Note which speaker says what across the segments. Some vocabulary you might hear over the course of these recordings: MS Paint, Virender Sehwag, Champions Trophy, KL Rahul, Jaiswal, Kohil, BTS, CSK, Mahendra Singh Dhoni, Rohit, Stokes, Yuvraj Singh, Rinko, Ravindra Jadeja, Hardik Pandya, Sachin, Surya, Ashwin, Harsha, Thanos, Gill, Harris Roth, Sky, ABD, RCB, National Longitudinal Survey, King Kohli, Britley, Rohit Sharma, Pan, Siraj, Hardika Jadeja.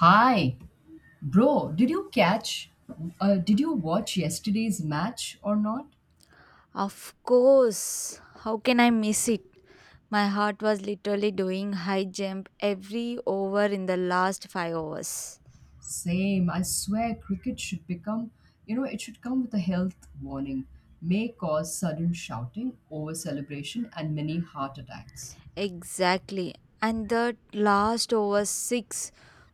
Speaker 1: Hi, bro. Did you catch? Did you watch yesterday's match or not?
Speaker 2: Of course, how can I miss it? My heart was literally doing high jump every over in the last five overs.
Speaker 1: Same. I swear, cricket should become. It should come with a health warning. May cause sudden shouting, over celebration, and many heart attacks.
Speaker 2: Exactly. And that last over six,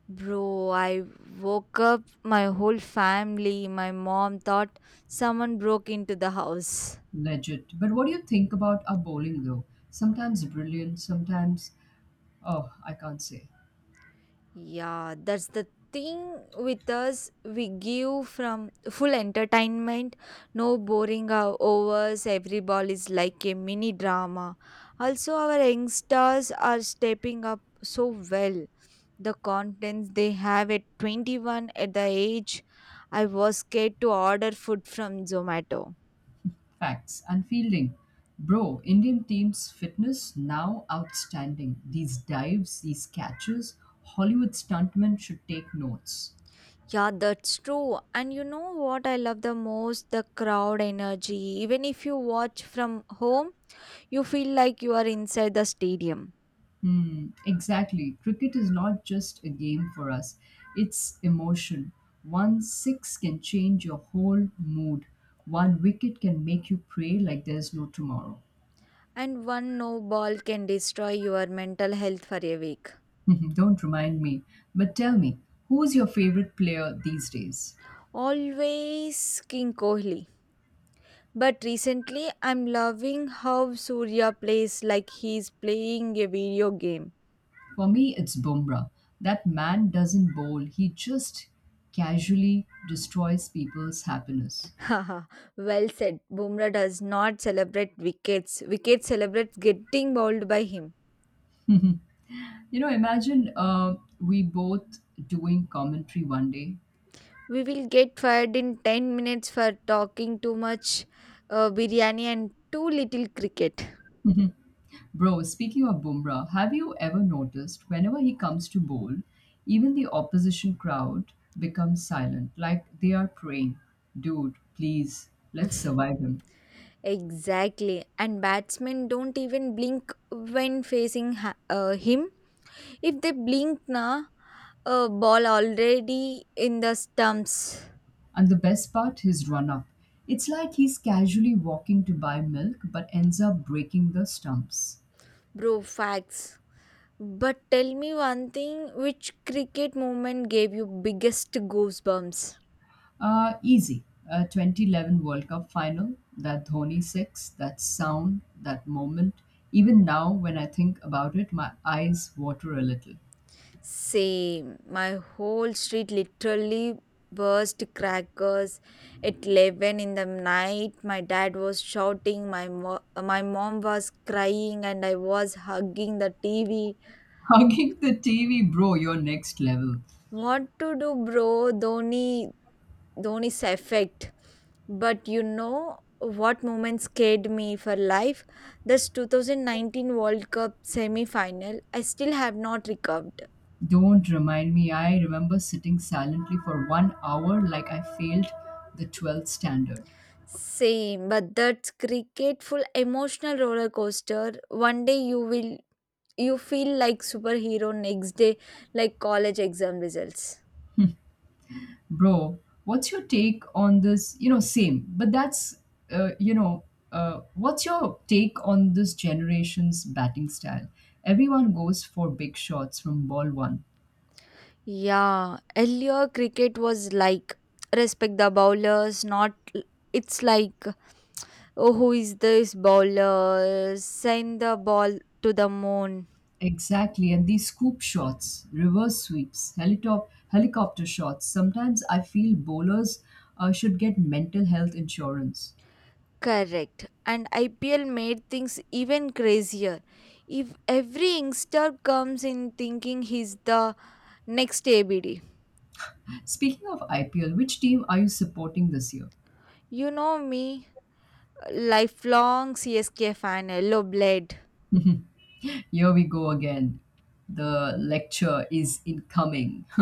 Speaker 2: bro, I woke up my whole family. My mom thought someone broke into the house.
Speaker 1: Legit. But what do you think about our bowling though? Sometimes brilliant. Sometimes, oh, I can't say.
Speaker 2: Yeah, that's the thing with us. We give from full entertainment, no boring hours. Every ball is like a mini drama. Also, our youngsters are stepping up so well. The contents they have at 21 at the age I was scared to order food from Zomato.
Speaker 1: Facts and fielding. Bro, Indian team's fitness now outstanding. These dives, these catches, Hollywood stuntmen should take notes.
Speaker 2: Yeah, that's true. And you know what I love the most? The crowd energy. Even if you watch from home, you feel like you are inside the stadium,
Speaker 1: Hmm, exactly. Cricket is not just a game for us, it's emotion. One six can change your whole mood. One wicket can make you pray like there's no tomorrow.
Speaker 2: and one no ball can destroy your mental health for a week.
Speaker 1: Don't remind me, but tell me, who's your favorite player these days?
Speaker 2: Always King Kohli. But recently, I'm loving how Surya plays like he's playing a video game.
Speaker 1: For me, it's Bumrah. That man doesn't bowl, he just casually destroys people's happiness.
Speaker 2: Haha, well said. Bumrah does not celebrate wickets. Wicket celebrates getting bowled by him.
Speaker 1: Imagine we both doing commentary one day.
Speaker 2: We will get fired in 10 minutes for talking too much biryani and too little cricket.
Speaker 1: Bro, speaking of Bumrah, have you ever noticed whenever he comes to bowl, even the opposition crowd becomes silent, like they are praying, dude, please, let's survive him.
Speaker 2: Exactly. And batsmen don't even blink when facing him. If they blink na, a ball already in the stumps.
Speaker 1: And the best part, his run up. It's like he's casually walking to buy milk but ends up breaking the stumps.
Speaker 2: Bro, facts. But tell me one thing, which cricket moment gave you biggest goosebumps?
Speaker 1: Easy. 2011 World Cup final, that Dhoni six, that sound, that moment. Even now, when I think about it, my eyes water a little.
Speaker 2: Same. My whole street literally burst crackers at 11 in the night. My dad was shouting, my mom was crying, and I was hugging the TV.
Speaker 1: Hugging the TV, bro, you're next level.
Speaker 2: What to do, bro? Dhoni, Dhoni's effect. But you know what moment scared me for life? This 2019 World Cup semi final. I still have not recovered.
Speaker 1: Don't remind me, I remember sitting silently for one hour like I failed the 12th standard.
Speaker 2: Same, but that's cricket full emotional roller coaster. One day you feel like superhero, next day like college exam results.
Speaker 1: Bro, what's your take on this? Same, but that's, uh, you know, what's your take on this generation's batting style? Everyone goes for big shots from ball one.
Speaker 2: Yeah, earlier cricket was like respect the bowlers, not it's like oh, who is this bowler? Send the ball to the moon.
Speaker 1: Exactly, and these scoop shots, reverse sweeps, helicopter shots. Sometimes I feel bowlers should get mental health insurance.
Speaker 2: Correct. And IPL made things even crazier. If every youngster comes in thinking he's the next ABD.
Speaker 1: Speaking of IPL, which team are you supporting this year?
Speaker 2: You know me, lifelong CSK fan, yellow blade.
Speaker 1: Here we go again. The lecture is incoming.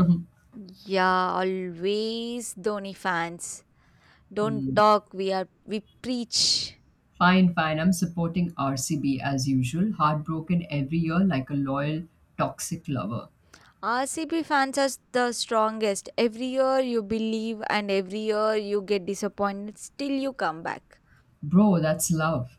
Speaker 2: Yeah, always Dhoni fans. Don't
Speaker 1: Hmm.
Speaker 2: talk, we preach.
Speaker 1: Fine, fine. I'm supporting RCB as usual. Heartbroken every year like a loyal, toxic lover.
Speaker 2: RCB fans are the strongest. Every year you believe and every year you get disappointed, still you come back.
Speaker 1: Bro, that's love.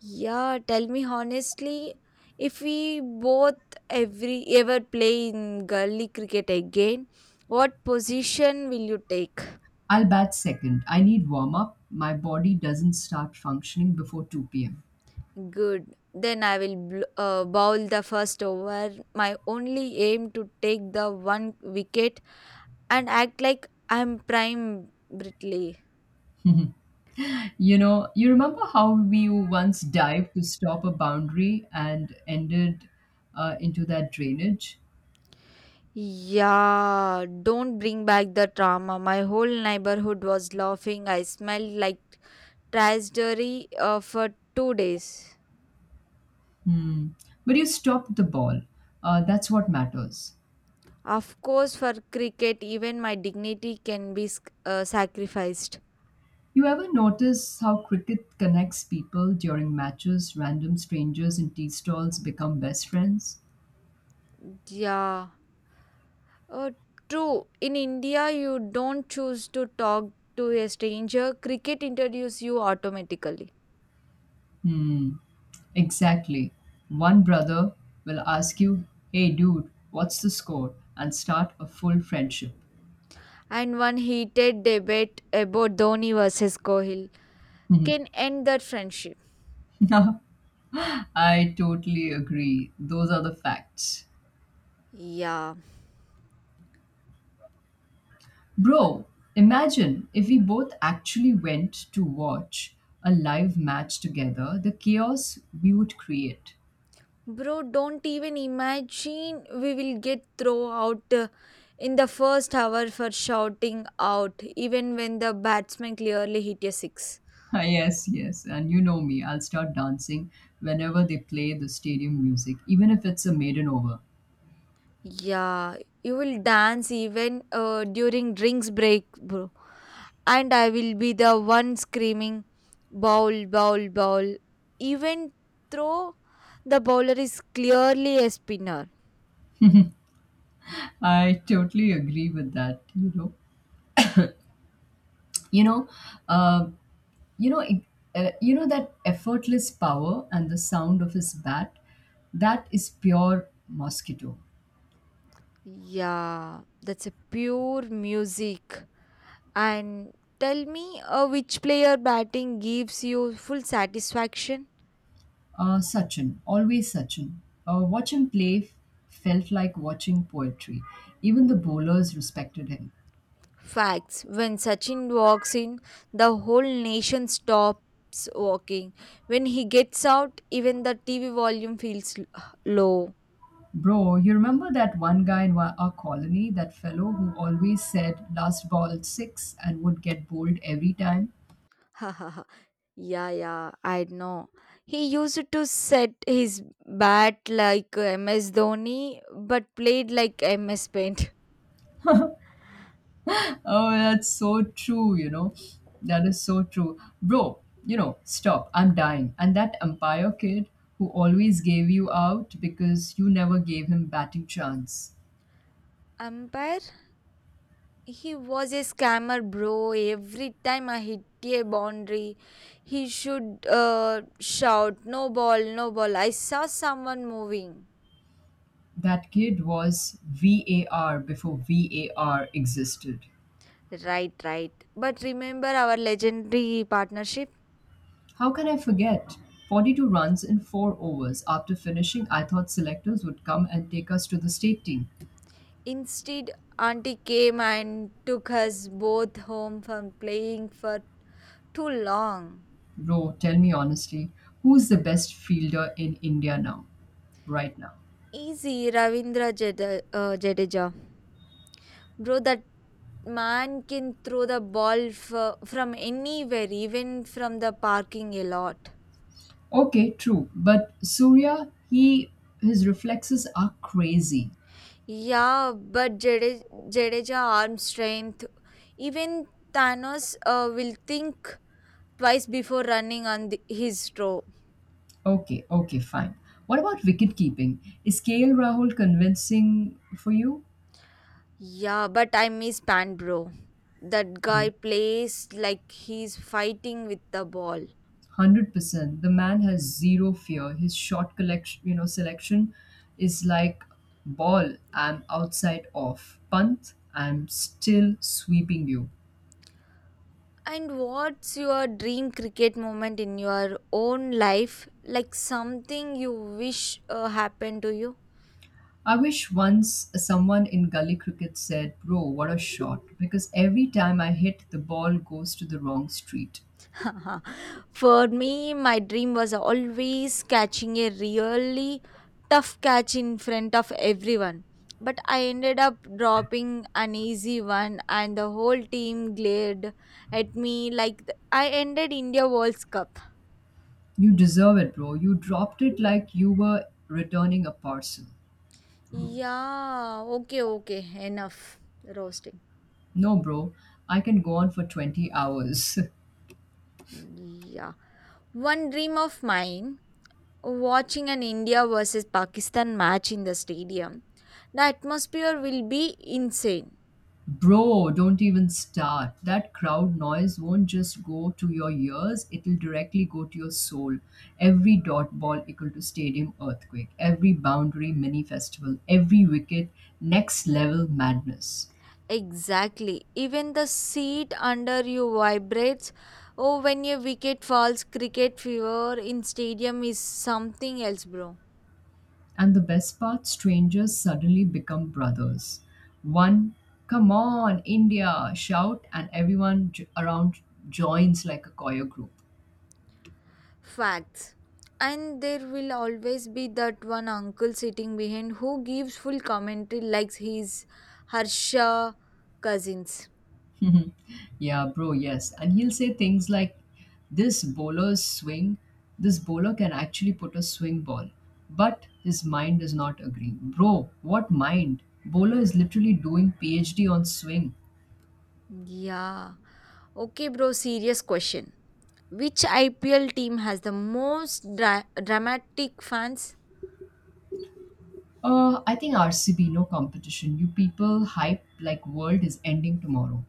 Speaker 2: Yeah, tell me honestly, if we both ever play in gully cricket again, what position will you take?
Speaker 1: I'll bat second. I need warm up. My body doesn't start functioning before 2 p.m.
Speaker 2: Good. Then I will bowl the first over. My only aim to take the one wicket and act like I'm prime Britley.
Speaker 1: You remember how we once dived to stop a boundary and ended into that drainage?
Speaker 2: Yeah, don't bring back the trauma. My whole neighborhood was laughing. I smelled like tragedy for 2 days.
Speaker 1: Hmm. But you stopped the ball. That's what matters.
Speaker 2: Of course, for cricket, even my dignity can be sacrificed.
Speaker 1: You ever notice how cricket connects people during matches? Random strangers in tea stalls become best friends?
Speaker 2: Yeah. Uh, true. In India, you don't choose to talk to a stranger. Cricket introduces you automatically.
Speaker 1: Hmm, exactly. One brother will ask you, hey dude, what's the score? And start a full friendship.
Speaker 2: And one heated debate about Dhoni versus Kohil can end that friendship.
Speaker 1: I totally agree. Those are the facts.
Speaker 2: Yeah.
Speaker 1: Bro, imagine if we both actually went to watch a live match together, the chaos we would create.
Speaker 2: Bro, don't even imagine we will get thrown out in the first hour for shouting out, even when the batsman clearly hit a six.
Speaker 1: Yes, yes. And you know me, I'll start dancing whenever they play the stadium music, even if it's a maiden over.
Speaker 2: Yeah, you will dance even during drinks break, bro. And I will be the one screaming, bowl, bowl, bowl. Even though the bowler is clearly a spinner.
Speaker 1: I totally agree with that. You know, uh, you know, it- you know that effortless power and the sound of his bat, that is pure mosquito.
Speaker 2: Yeah, that's a pure music. And tell me which player batting gives you full satisfaction?
Speaker 1: Sachin, always Sachin. Watch him play felt like watching poetry. Even the bowlers respected him.
Speaker 2: Facts. When Sachin walks in, the whole nation stops walking. When he gets out, even the TV volume feels low.
Speaker 1: Bro, you remember that one guy in our colony, that fellow who always said last ball six and would get bowled every time?
Speaker 2: Yeah, yeah, I know. He used to set his bat like MS Dhoni, but played like MS Paint.
Speaker 1: Oh, that's so true. That is so true. Bro, stop. I'm dying. And that umpire kid who always gave you out because you never gave him batting chance.
Speaker 2: Umpire? He was a scammer, bro. Every time I hit a boundary, he should shout, no ball, no ball. I saw someone moving.
Speaker 1: That kid was VAR before VAR existed.
Speaker 2: Right, right. But remember our legendary partnership?
Speaker 1: How can I forget? 42 runs in 4 overs. After finishing, I thought selectors would come and take us to the state team.
Speaker 2: Instead, Auntie came and took us both home from playing for too long.
Speaker 1: Bro, tell me honestly, who's the best fielder in India now, right now?
Speaker 2: Easy, Ravindra Jadeja. Bro, that man can throw the ball from anywhere, even from the parking a lot.
Speaker 1: Okay, true, but Surya, he his reflexes are crazy.
Speaker 2: Yeah, but Jadeja arm strength, even Thanos will think twice before running on his throw.
Speaker 1: Okay, okay, fine. What about wicket keeping? Is KL Rahul convincing for you?
Speaker 2: Yeah, but I miss Pan Bro. That guy plays like he's fighting with the ball.
Speaker 1: 100%. The man has zero fear. His shot collection, selection, is like ball. I'm outside off punt. I'm still sweeping you.
Speaker 2: And what's your dream cricket moment in your own life? Like something you wish happened to you?
Speaker 1: I wish once someone in gully cricket said, bro, what a shot, because every time I hit, the ball goes to the wrong street.
Speaker 2: For me, my dream was always catching a really tough catch in front of everyone. But I ended up dropping an easy one, and the whole team glared at me like I ended India World Cup.
Speaker 1: You deserve it, bro. You dropped it like you were returning a parcel.
Speaker 2: Yeah, okay, okay, enough roasting.
Speaker 1: No, bro, I can go on for 20 hours.
Speaker 2: Yeah. One dream of mine watching an India versus Pakistan match in the stadium. The atmosphere will be insane.
Speaker 1: Bro, don't even start. That crowd noise won't just go to your ears, it'll directly go to your soul. Every dot ball equal to stadium earthquake, every boundary mini festival, every wicket next level madness.
Speaker 2: Exactly. Even the seat under you vibrates. Oh, when your wicket falls, cricket fever in stadium is something else, bro.
Speaker 1: And the best part, strangers suddenly become brothers. One, come on, India, shout, and everyone around joins like a choir group.
Speaker 2: Facts. And there will always be that one uncle sitting behind who gives full commentary like he's Harsha cousins.
Speaker 1: Mhm. Yeah, bro, yes. And he'll say things like, this bowler's swing, this bowler can actually put a swing ball, but his mind is not agreeing. Bro, what mind? Bowler is literally doing PhD on swing.
Speaker 2: Yeah. Okay, bro, serious question. Which IPL team has the most dramatic fans?
Speaker 1: I think RCB, no competition. You people hype like world is ending tomorrow.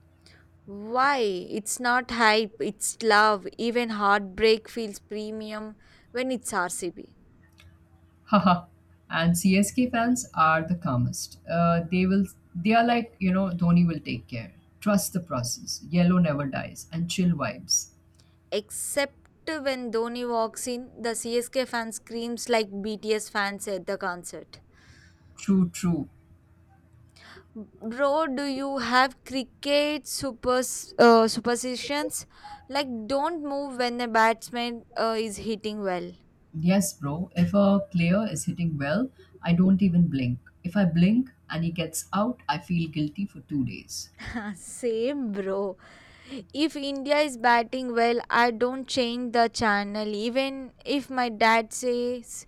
Speaker 2: Why? It's not hype, it's love. Even heartbreak feels premium when it's RCB.
Speaker 1: Haha. And CSK fans are the calmest. They are like, Dhoni will take care. Trust the process. Yellow never dies. And chill vibes.
Speaker 2: Except when Dhoni walks in, the CSK fan screams like BTS fans at the concert.
Speaker 1: True, true.
Speaker 2: Bro, do you have cricket superstitions? Like, don't move when the batsman is hitting well.
Speaker 1: Yes, bro. If a player is hitting well, I don't even blink. If I blink and he gets out, I feel guilty for 2 days.
Speaker 2: Same, bro. If India is batting well, I don't change the channel. Even if my dad says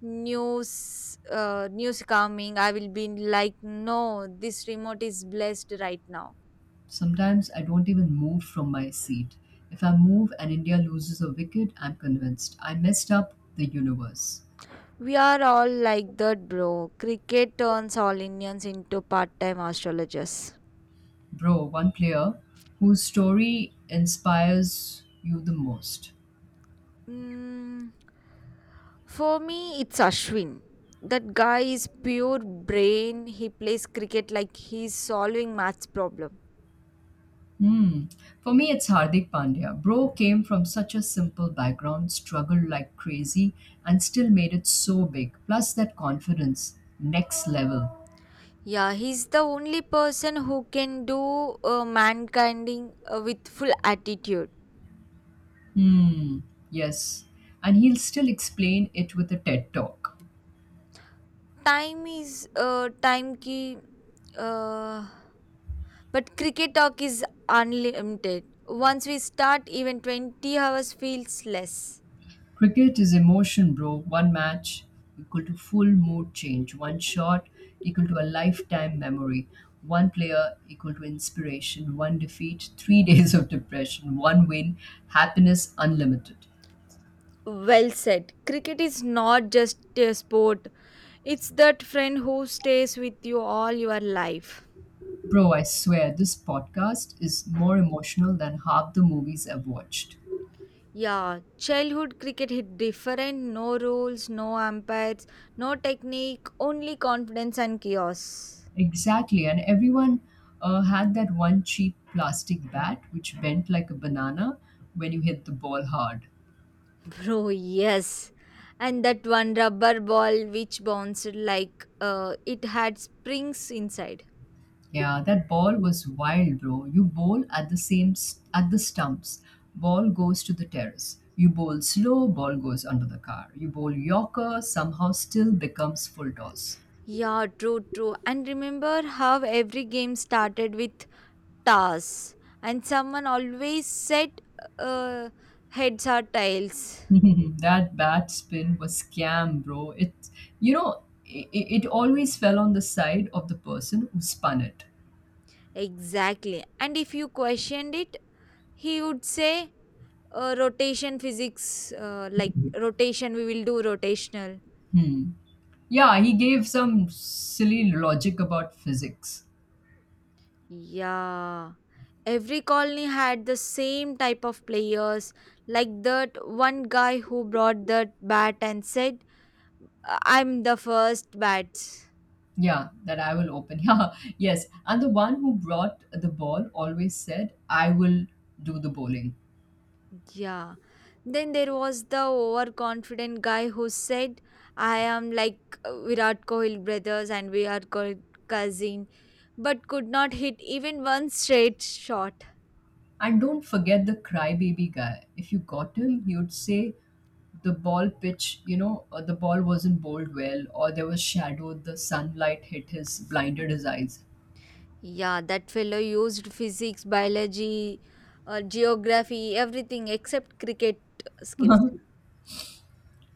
Speaker 2: news coming, I will be like, no, this remote is blessed right now.
Speaker 1: Sometimes I don't even move from my seat. If I move and India loses a wicket, I'm convinced I messed up the universe.
Speaker 2: We are all like that, bro. Cricket turns all Indians into part-time astrologers.
Speaker 1: Bro, one player whose story inspires you the most.
Speaker 2: Mm, for me, it's Ashwin. That guy is pure brain. He plays cricket like he's solving maths problem.
Speaker 1: Hmm. For me, it's Hardik Pandya. Bro came from such a simple background, struggled like crazy, and still made it so big. Plus, that confidence, next level.
Speaker 2: Yeah, he's the only person who can do mankinding with full attitude.
Speaker 1: Hmm. Yes. And he'll still explain it with a TED talk.
Speaker 2: Time is time ki, uh, but cricket talk is unlimited. Once we start, even 20 hours feels less.
Speaker 1: Cricket is emotion, bro. One match equal to full mood change. One shot equal to a lifetime memory. One player equal to inspiration. One defeat, three days of depression. One win, happiness unlimited.
Speaker 2: Well said. Cricket is not just a sport, it's that friend who stays with you all your life.
Speaker 1: Bro, I swear this podcast is more emotional than half the movies I've watched.
Speaker 2: Yeah, childhood cricket hit different, no rules, no umpires, no technique, only confidence and chaos.
Speaker 1: Exactly, and everyone had that one cheap plastic bat which bent like a banana when you hit the ball hard.
Speaker 2: Bro, yes. And that one rubber ball which bounced like it had springs inside.
Speaker 1: Yeah, that ball was wild, bro. You bowl at the same at the stumps. Ball goes to the terrace. You bowl slow, ball goes under the car. You bowl yorker, somehow still becomes full toss.
Speaker 2: Yeah, true, true. And remember how every game started with toss, and someone always said uh, heads or tails.
Speaker 1: That bat spin was scam, bro. It, you know, it always fell on the side of the person who spun it.
Speaker 2: Exactly. And if you questioned it, he would say, rotation physics, like rotation, we will do rotational.
Speaker 1: Hmm. Yeah, he gave some silly logic about physics.
Speaker 2: Yeah. Every colony had the same type of players, like that one guy who brought that bat and said, I'm the first bat."
Speaker 1: Yeah, that I will open. Yeah, yes. And the one who brought the ball always said, I will do the bowling.
Speaker 2: Yeah. Then there was the overconfident guy who said, I am like Virat Kohli brothers and we are cousin, but could not hit even one straight shot.
Speaker 1: And don't forget the crybaby guy. If you got him, he would say the ball pitch, or the ball wasn't bowled well, or there was shadow, the sunlight hit his, blinded his eyes.
Speaker 2: Yeah, that fellow used physics, biology, geography, everything except cricket skills.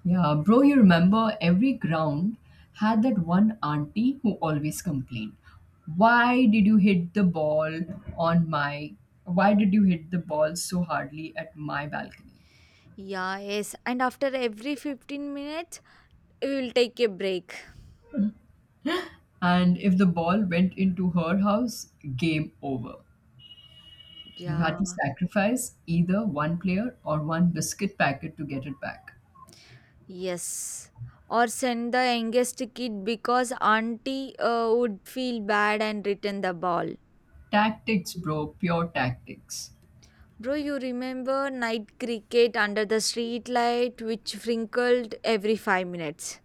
Speaker 1: Yeah, bro, you remember every ground had that one auntie who always complained. Why did you hit the ball on my, why did you hit the ball so hardly at my balcony?
Speaker 2: Yeah, yes. And after every 15 minutes, we will take a break.
Speaker 1: And if the ball went into her house, game over. You had
Speaker 2: Yeah,
Speaker 1: to sacrifice either one player or one biscuit packet to get it back.
Speaker 2: yes. Or send the youngest kid because auntie would feel bad and return the ball.
Speaker 1: Tactics, bro, pure tactics.
Speaker 2: Bro, you remember night cricket under the street light which wrinkled every 5 minutes?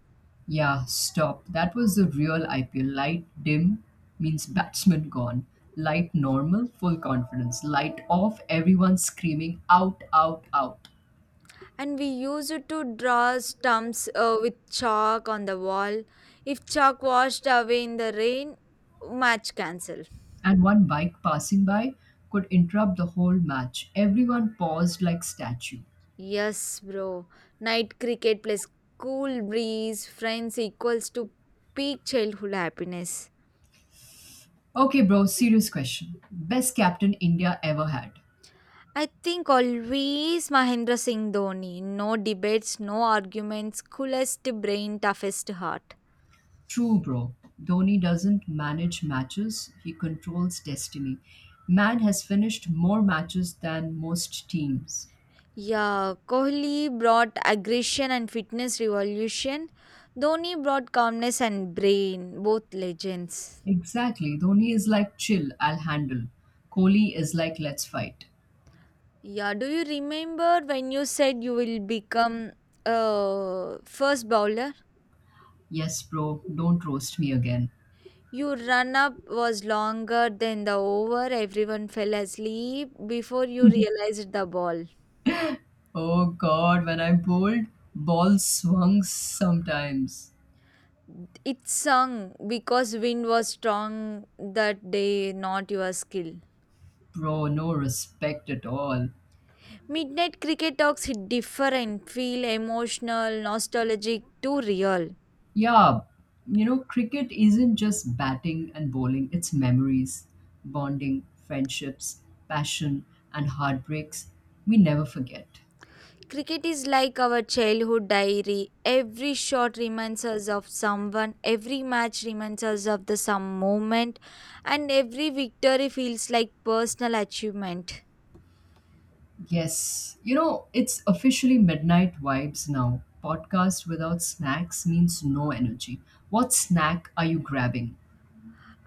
Speaker 1: Yeah, stop. That was the real IPL. Light dim means batsman gone. Light normal, full confidence. Light off, everyone screaming out, out, out.
Speaker 2: And we used it to draw stumps with chalk on the wall. If chalk washed away in the rain, match cancelled.
Speaker 1: And one bike passing by could interrupt the whole match. Everyone paused like statue.
Speaker 2: Yes, bro. Night cricket plus cool breeze, friends equals to peak childhood happiness.
Speaker 1: Okay, bro, serious question. Best captain India ever had.
Speaker 2: I think always Mahendra Singh Dhoni. No debates, no arguments, coolest brain, toughest heart.
Speaker 1: True, bro. Dhoni doesn't manage matches, he controls destiny. Man has finished more matches than most teams.
Speaker 2: Yeah, Kohli brought aggression and fitness revolution. Dhoni brought calmness and brain, both legends.
Speaker 1: Exactly. Dhoni is like, chill, I'll handle. Kohli is like, let's fight.
Speaker 2: Yeah, do you remember when you said you will become a first bowler?
Speaker 1: Yes, bro, don't roast me again.
Speaker 2: Your run up was longer than the over. Everyone fell asleep before you realized the ball.
Speaker 1: Oh god, when I bowled, ball swung sometimes.
Speaker 2: It sung because wind was strong that day, not your skill.
Speaker 1: Bro, no respect at all.
Speaker 2: Midnight cricket talks hit different, feel emotional, nostalgic, too real.
Speaker 1: Yeah, cricket isn't just batting and bowling, it's memories, bonding, friendships, passion, and heartbreaks we never forget.
Speaker 2: Cricket is like our childhood diary. Every shot reminds us of someone, every match reminds us of the some moment, and every victory feels like personal achievement.
Speaker 1: Yes, it's officially midnight vibes now. Podcast without snacks means no energy. What snack are you grabbing?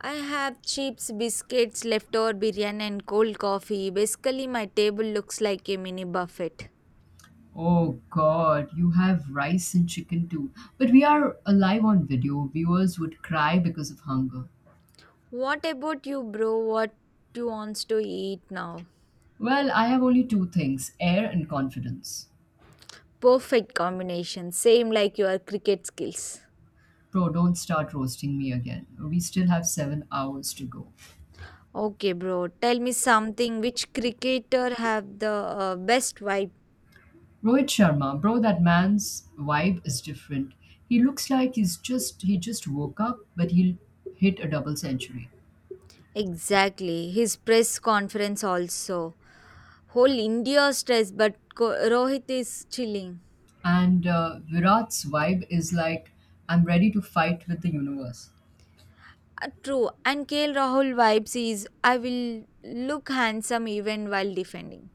Speaker 2: I have chips, biscuits, leftover biryani, and cold coffee. Basically, my table looks like a mini buffet.
Speaker 1: Oh god, you have rice and chicken too. But we are alive on video. Viewers would cry because of hunger.
Speaker 2: What about you, bro? What you wants to eat now?
Speaker 1: Well, I have only two things air and confidence.
Speaker 2: Perfect combination, same like your cricket skills.
Speaker 1: Bro, don't start roasting me again. We still have 7 hours to go.
Speaker 2: Okay, bro, tell me something. Which cricketer have the best vibe?
Speaker 1: Rohit Sharma, bro, that man's vibe is different. He looks like he just woke up, but he'll hit a double century.
Speaker 2: Exactly, his press conference also. Whole India stress, but Rohit is chilling.
Speaker 1: And Virat's vibe is like I'm ready to fight with the universe.
Speaker 2: True, and KL Rahul vibes is I will look handsome even while defending.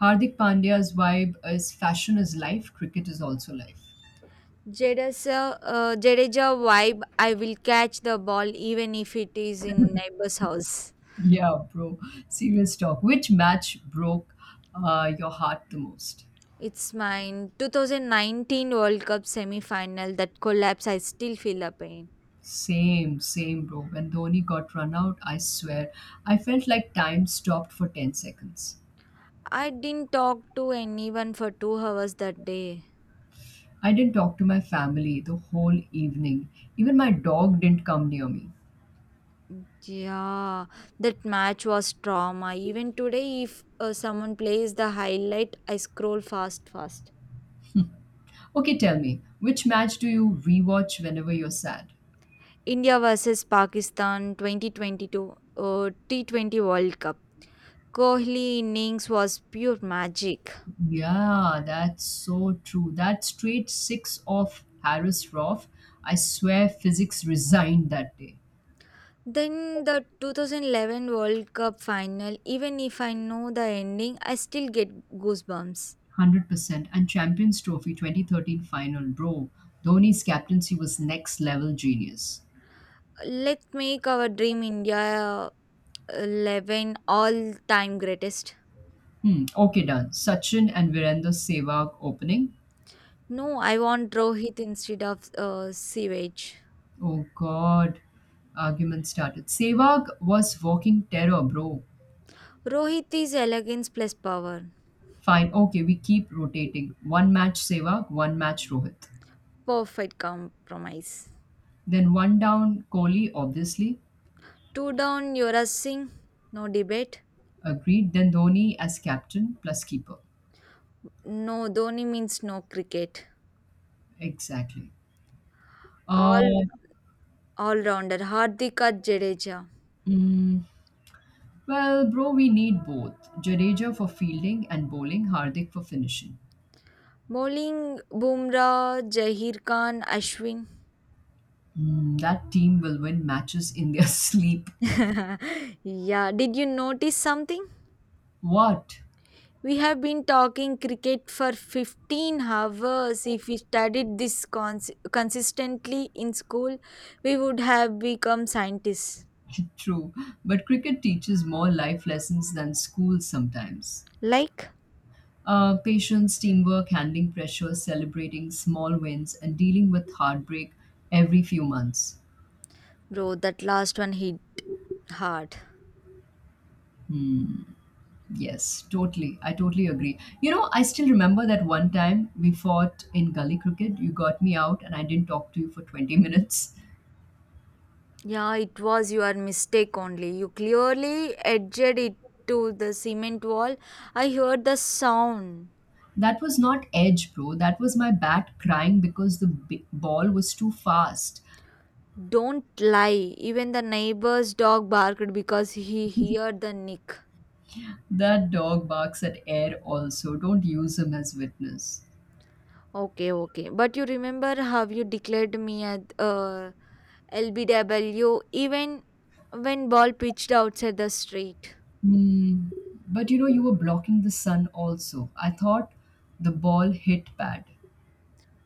Speaker 1: Hardik Pandya's vibe is fashion is life, cricket is also life.
Speaker 2: Jadeja vibe I will catch the ball even if it is in neighbor's house.
Speaker 1: Yeah, bro. Serious talk. Which match broke your heart the most?
Speaker 2: It's mine. 2019 World Cup semi final, that collapse, I still feel the pain.
Speaker 1: Same, same, bro. When Dhoni got run out, I swear, I felt like time stopped for 10 seconds.
Speaker 2: I didn't talk to anyone for 2 hours that day.
Speaker 1: I didn't talk to my family the whole evening. Even my dog didn't come near me.
Speaker 2: Yeah, that match was trauma. Even today, if someone plays the highlight, I scroll fast, fast.
Speaker 1: Okay, tell me, which match do you rewatch whenever you're sad?
Speaker 2: India versus Pakistan 2022 uh, T20 World Cup. Kohli innings was pure magic.
Speaker 1: Yeah, that's so true. That straight six off Harris Roth, I swear physics resigned that day.
Speaker 2: Then the 2011 World Cup final, even if I know the ending, I still get goosebumps.
Speaker 1: 100%. And Champions Trophy 2013 final, bro. Dhoni's captaincy was next level genius.
Speaker 2: Let's make our dream India 11 all time greatest.
Speaker 1: Hmm. Okay, done. Sachin and Virender Sehwag opening.
Speaker 2: No, I want Rohit instead of Sivage.
Speaker 1: Oh God, argument started. Sehwag was walking terror, bro.
Speaker 2: Rohit is elegance plus power.
Speaker 1: Fine. Okay, we keep rotating. One match Sehwag, one match Rohit.
Speaker 2: Perfect compromise.
Speaker 1: Then one down Kohli, obviously.
Speaker 2: Two down, Yuvraj Singh. No debate.
Speaker 1: Agreed. Then Dhoni as captain plus keeper.
Speaker 2: No, Dhoni means no cricket.
Speaker 1: Exactly.
Speaker 2: All
Speaker 1: Uh,
Speaker 2: all rounder. Hardika Jadeja.
Speaker 1: mm, well, bro, we need both. Jadeja for fielding and bowling, Hardik for finishing.
Speaker 2: Bowling, Bumrah, Jahir Khan, Ashwin.
Speaker 1: That team will win matches in their sleep.
Speaker 2: Yeah, did you notice something?
Speaker 1: What?
Speaker 2: We have been talking cricket for 15 hours. If we studied this consistently in school, we would have become scientists.
Speaker 1: True. But cricket teaches more life lessons than school sometimes.
Speaker 2: Like,
Speaker 1: Patience, teamwork, handling pressure, celebrating small wins, and dealing with heartbreak every few months.
Speaker 2: bro, that last one hit hard.
Speaker 1: Hmm. Yes, totally. I totally agree. I still remember that one time we fought in gully cricket. You got me out, and I didn't talk to you for 20 minutes.
Speaker 2: Yeah, it was your mistake only. You clearly edged it to the cement wall. I heard the sound.
Speaker 1: That was not edge, bro. That was my bat crying because the ball was too fast.
Speaker 2: Don't lie. Even the neighbor's dog barked because he heard the nick.
Speaker 1: That dog barks at air also. Don't use him as witness.
Speaker 2: Okay, okay. But you remember how you declared me at LBW even when ball pitched outside the street.
Speaker 1: Hmm. But you were blocking the sun also. I thought the ball hit bad.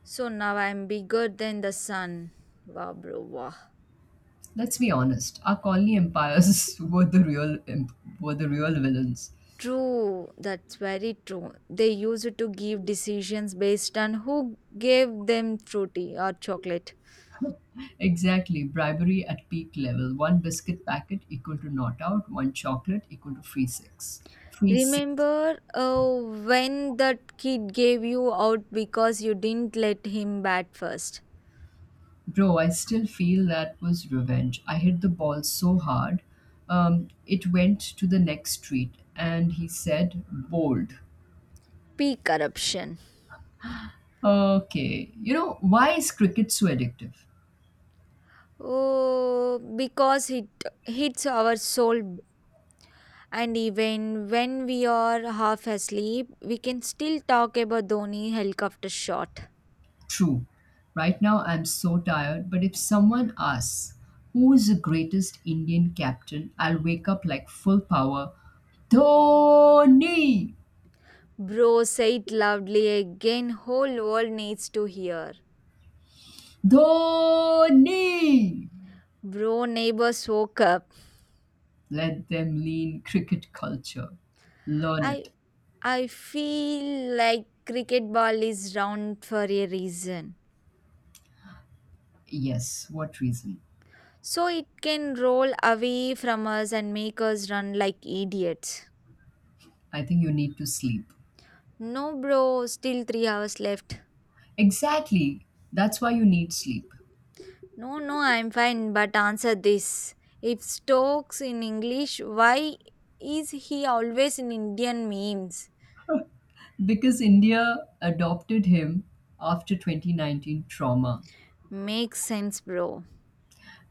Speaker 2: So now I'm bigger than the sun. Wow, bro, wow.
Speaker 1: Let's be honest. Our colony empires were the real villains.
Speaker 2: True, that's very true. They used to give decisions based on who gave them fruity or chocolate.
Speaker 1: Exactly. Bribery at peak level. One biscuit packet equal to not out. One chocolate equal to free six. Free six.
Speaker 2: Remember when that kid gave you out because you didn't let him bat first?
Speaker 1: Bro, I still feel that was revenge. I hit the ball so hard, it went to the next street, and he said, bold.
Speaker 2: P corruption.
Speaker 1: Okay, why is cricket so addictive?
Speaker 2: Oh, because it hits our soul. And even when we are half asleep, we can still talk about Dhoni helicopter shot.
Speaker 1: True, right now I'm so tired, but if someone asks, who is the greatest Indian captain, I'll wake up like full power. Dhoni!
Speaker 2: Bro, say it loudly again. Whole world needs to hear.
Speaker 1: Dhoni!
Speaker 2: Bro, neighbors woke up.
Speaker 1: Let them lean cricket culture. Learn
Speaker 2: I
Speaker 1: it.
Speaker 2: I feel like cricket ball is round for a reason.
Speaker 1: Yes, what reason?
Speaker 2: So it can roll away from us and make us run like idiots.
Speaker 1: I think you need to sleep.
Speaker 2: No, bro, still 3 hours left.
Speaker 1: Exactly. That's why you need sleep.
Speaker 2: No, no, I'm fine, but answer this. If Stokes in English, why is he always in Indian memes?
Speaker 1: Because India adopted him after 2019 trauma.
Speaker 2: Makes sense, bro.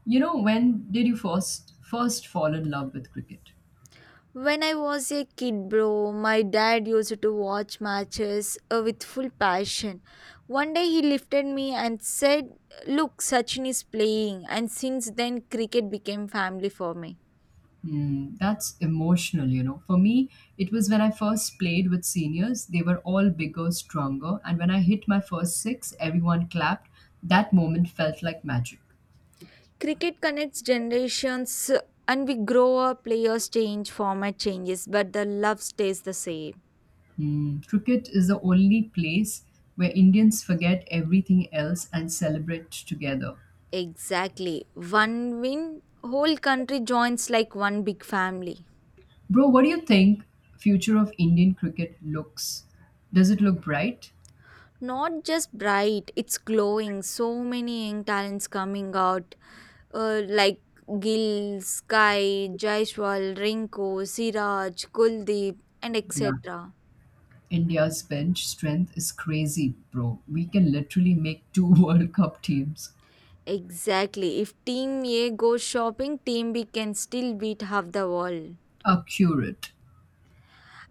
Speaker 1: When did you first fall in love with cricket?
Speaker 2: When I was a kid, bro, my dad used to watch matches with full passion. One day he lifted me and said, Look, Sachin is playing. And since then, cricket became family for me.
Speaker 1: Hmm, that's emotional. For me, it was when I first played with seniors. They were all bigger, stronger, and when I hit my first six, everyone clapped. That moment felt like magic.
Speaker 2: Cricket connects generations, and we grow up, players change, format changes, but the love stays the same.
Speaker 1: Cricket is the only place where Indians forget everything else and celebrate together.
Speaker 2: Exactly. One win, whole country joins like one big family.
Speaker 1: Bro, what do you think future of Indian cricket looks? Does it look bright?
Speaker 2: Not just bright, it's glowing. So many young talents coming out like Gill, Sky, Jaiswal, Rinko, Siraj, Kuldeep, and
Speaker 1: Yeah.
Speaker 2: etc.
Speaker 1: India's bench strength is crazy, bro. We can literally make two World Cup teams.
Speaker 2: Exactly. If Team A goes shopping, Team B can still beat half the wall.
Speaker 1: Accurate.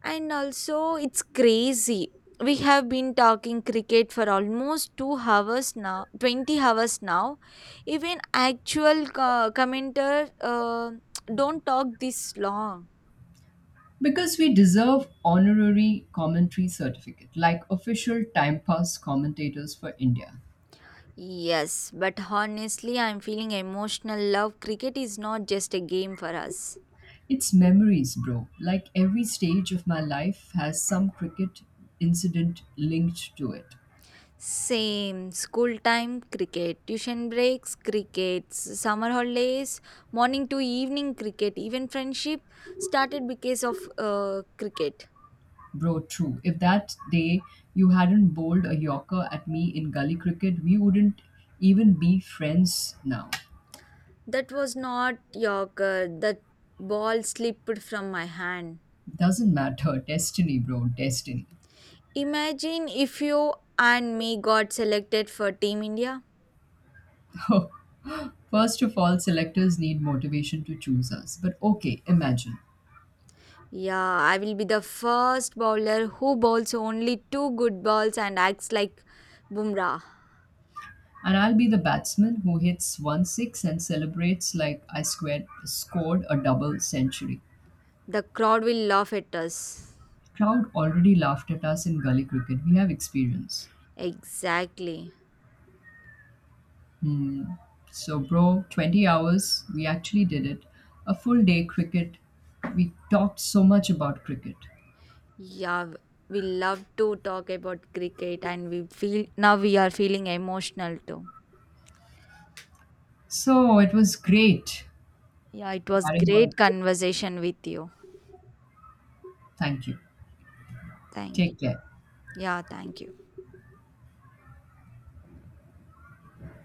Speaker 2: And also, it's crazy. We have been talking cricket for almost 2 hours now, 20 hours now. Even actual commenter don't talk this long.
Speaker 1: Because we deserve honorary commentary certificate, like official time pass commentators for India.
Speaker 2: Yes, but honestly, I'm feeling emotional love. Cricket is not just a game for us.
Speaker 1: It's memories, bro. Like every stage of my life has some cricket incident linked to it.
Speaker 2: Same school time cricket, tuition breaks cricket, summer holidays, morning to evening cricket, even friendship started because of cricket.
Speaker 1: Bro, true. If that day you hadn't bowled a yorker at me in gully cricket, we wouldn't even be friends now.
Speaker 2: That was not Yorker. That ball slipped from my hand.
Speaker 1: Doesn't matter. Destiny, bro. Destiny.
Speaker 2: Imagine if you and me got selected for Team India.
Speaker 1: First of all, selectors need motivation to choose us. But okay, imagine.
Speaker 2: Yeah, I will be the first bowler who bowls only two good balls and acts like Bumrah.
Speaker 1: And I'll be the batsman who hits 1 six and celebrates like I squared, scored a double century.
Speaker 2: The crowd will laugh at us.
Speaker 1: Crowd already laughed at us in gully cricket. We have experience.
Speaker 2: Exactly.
Speaker 1: Hmm. So, bro, 20 hours, we actually did it. A full day cricket. We talked so much about cricket.
Speaker 2: Yeah, we love to talk about cricket and we feel now we are feeling emotional too.
Speaker 1: So, it was great.
Speaker 2: Yeah, it was
Speaker 1: Carrying on.
Speaker 2: great conversation with you.
Speaker 1: Thank you.
Speaker 2: Thank
Speaker 1: Take
Speaker 2: you.
Speaker 1: care.
Speaker 2: Yeah, thank you.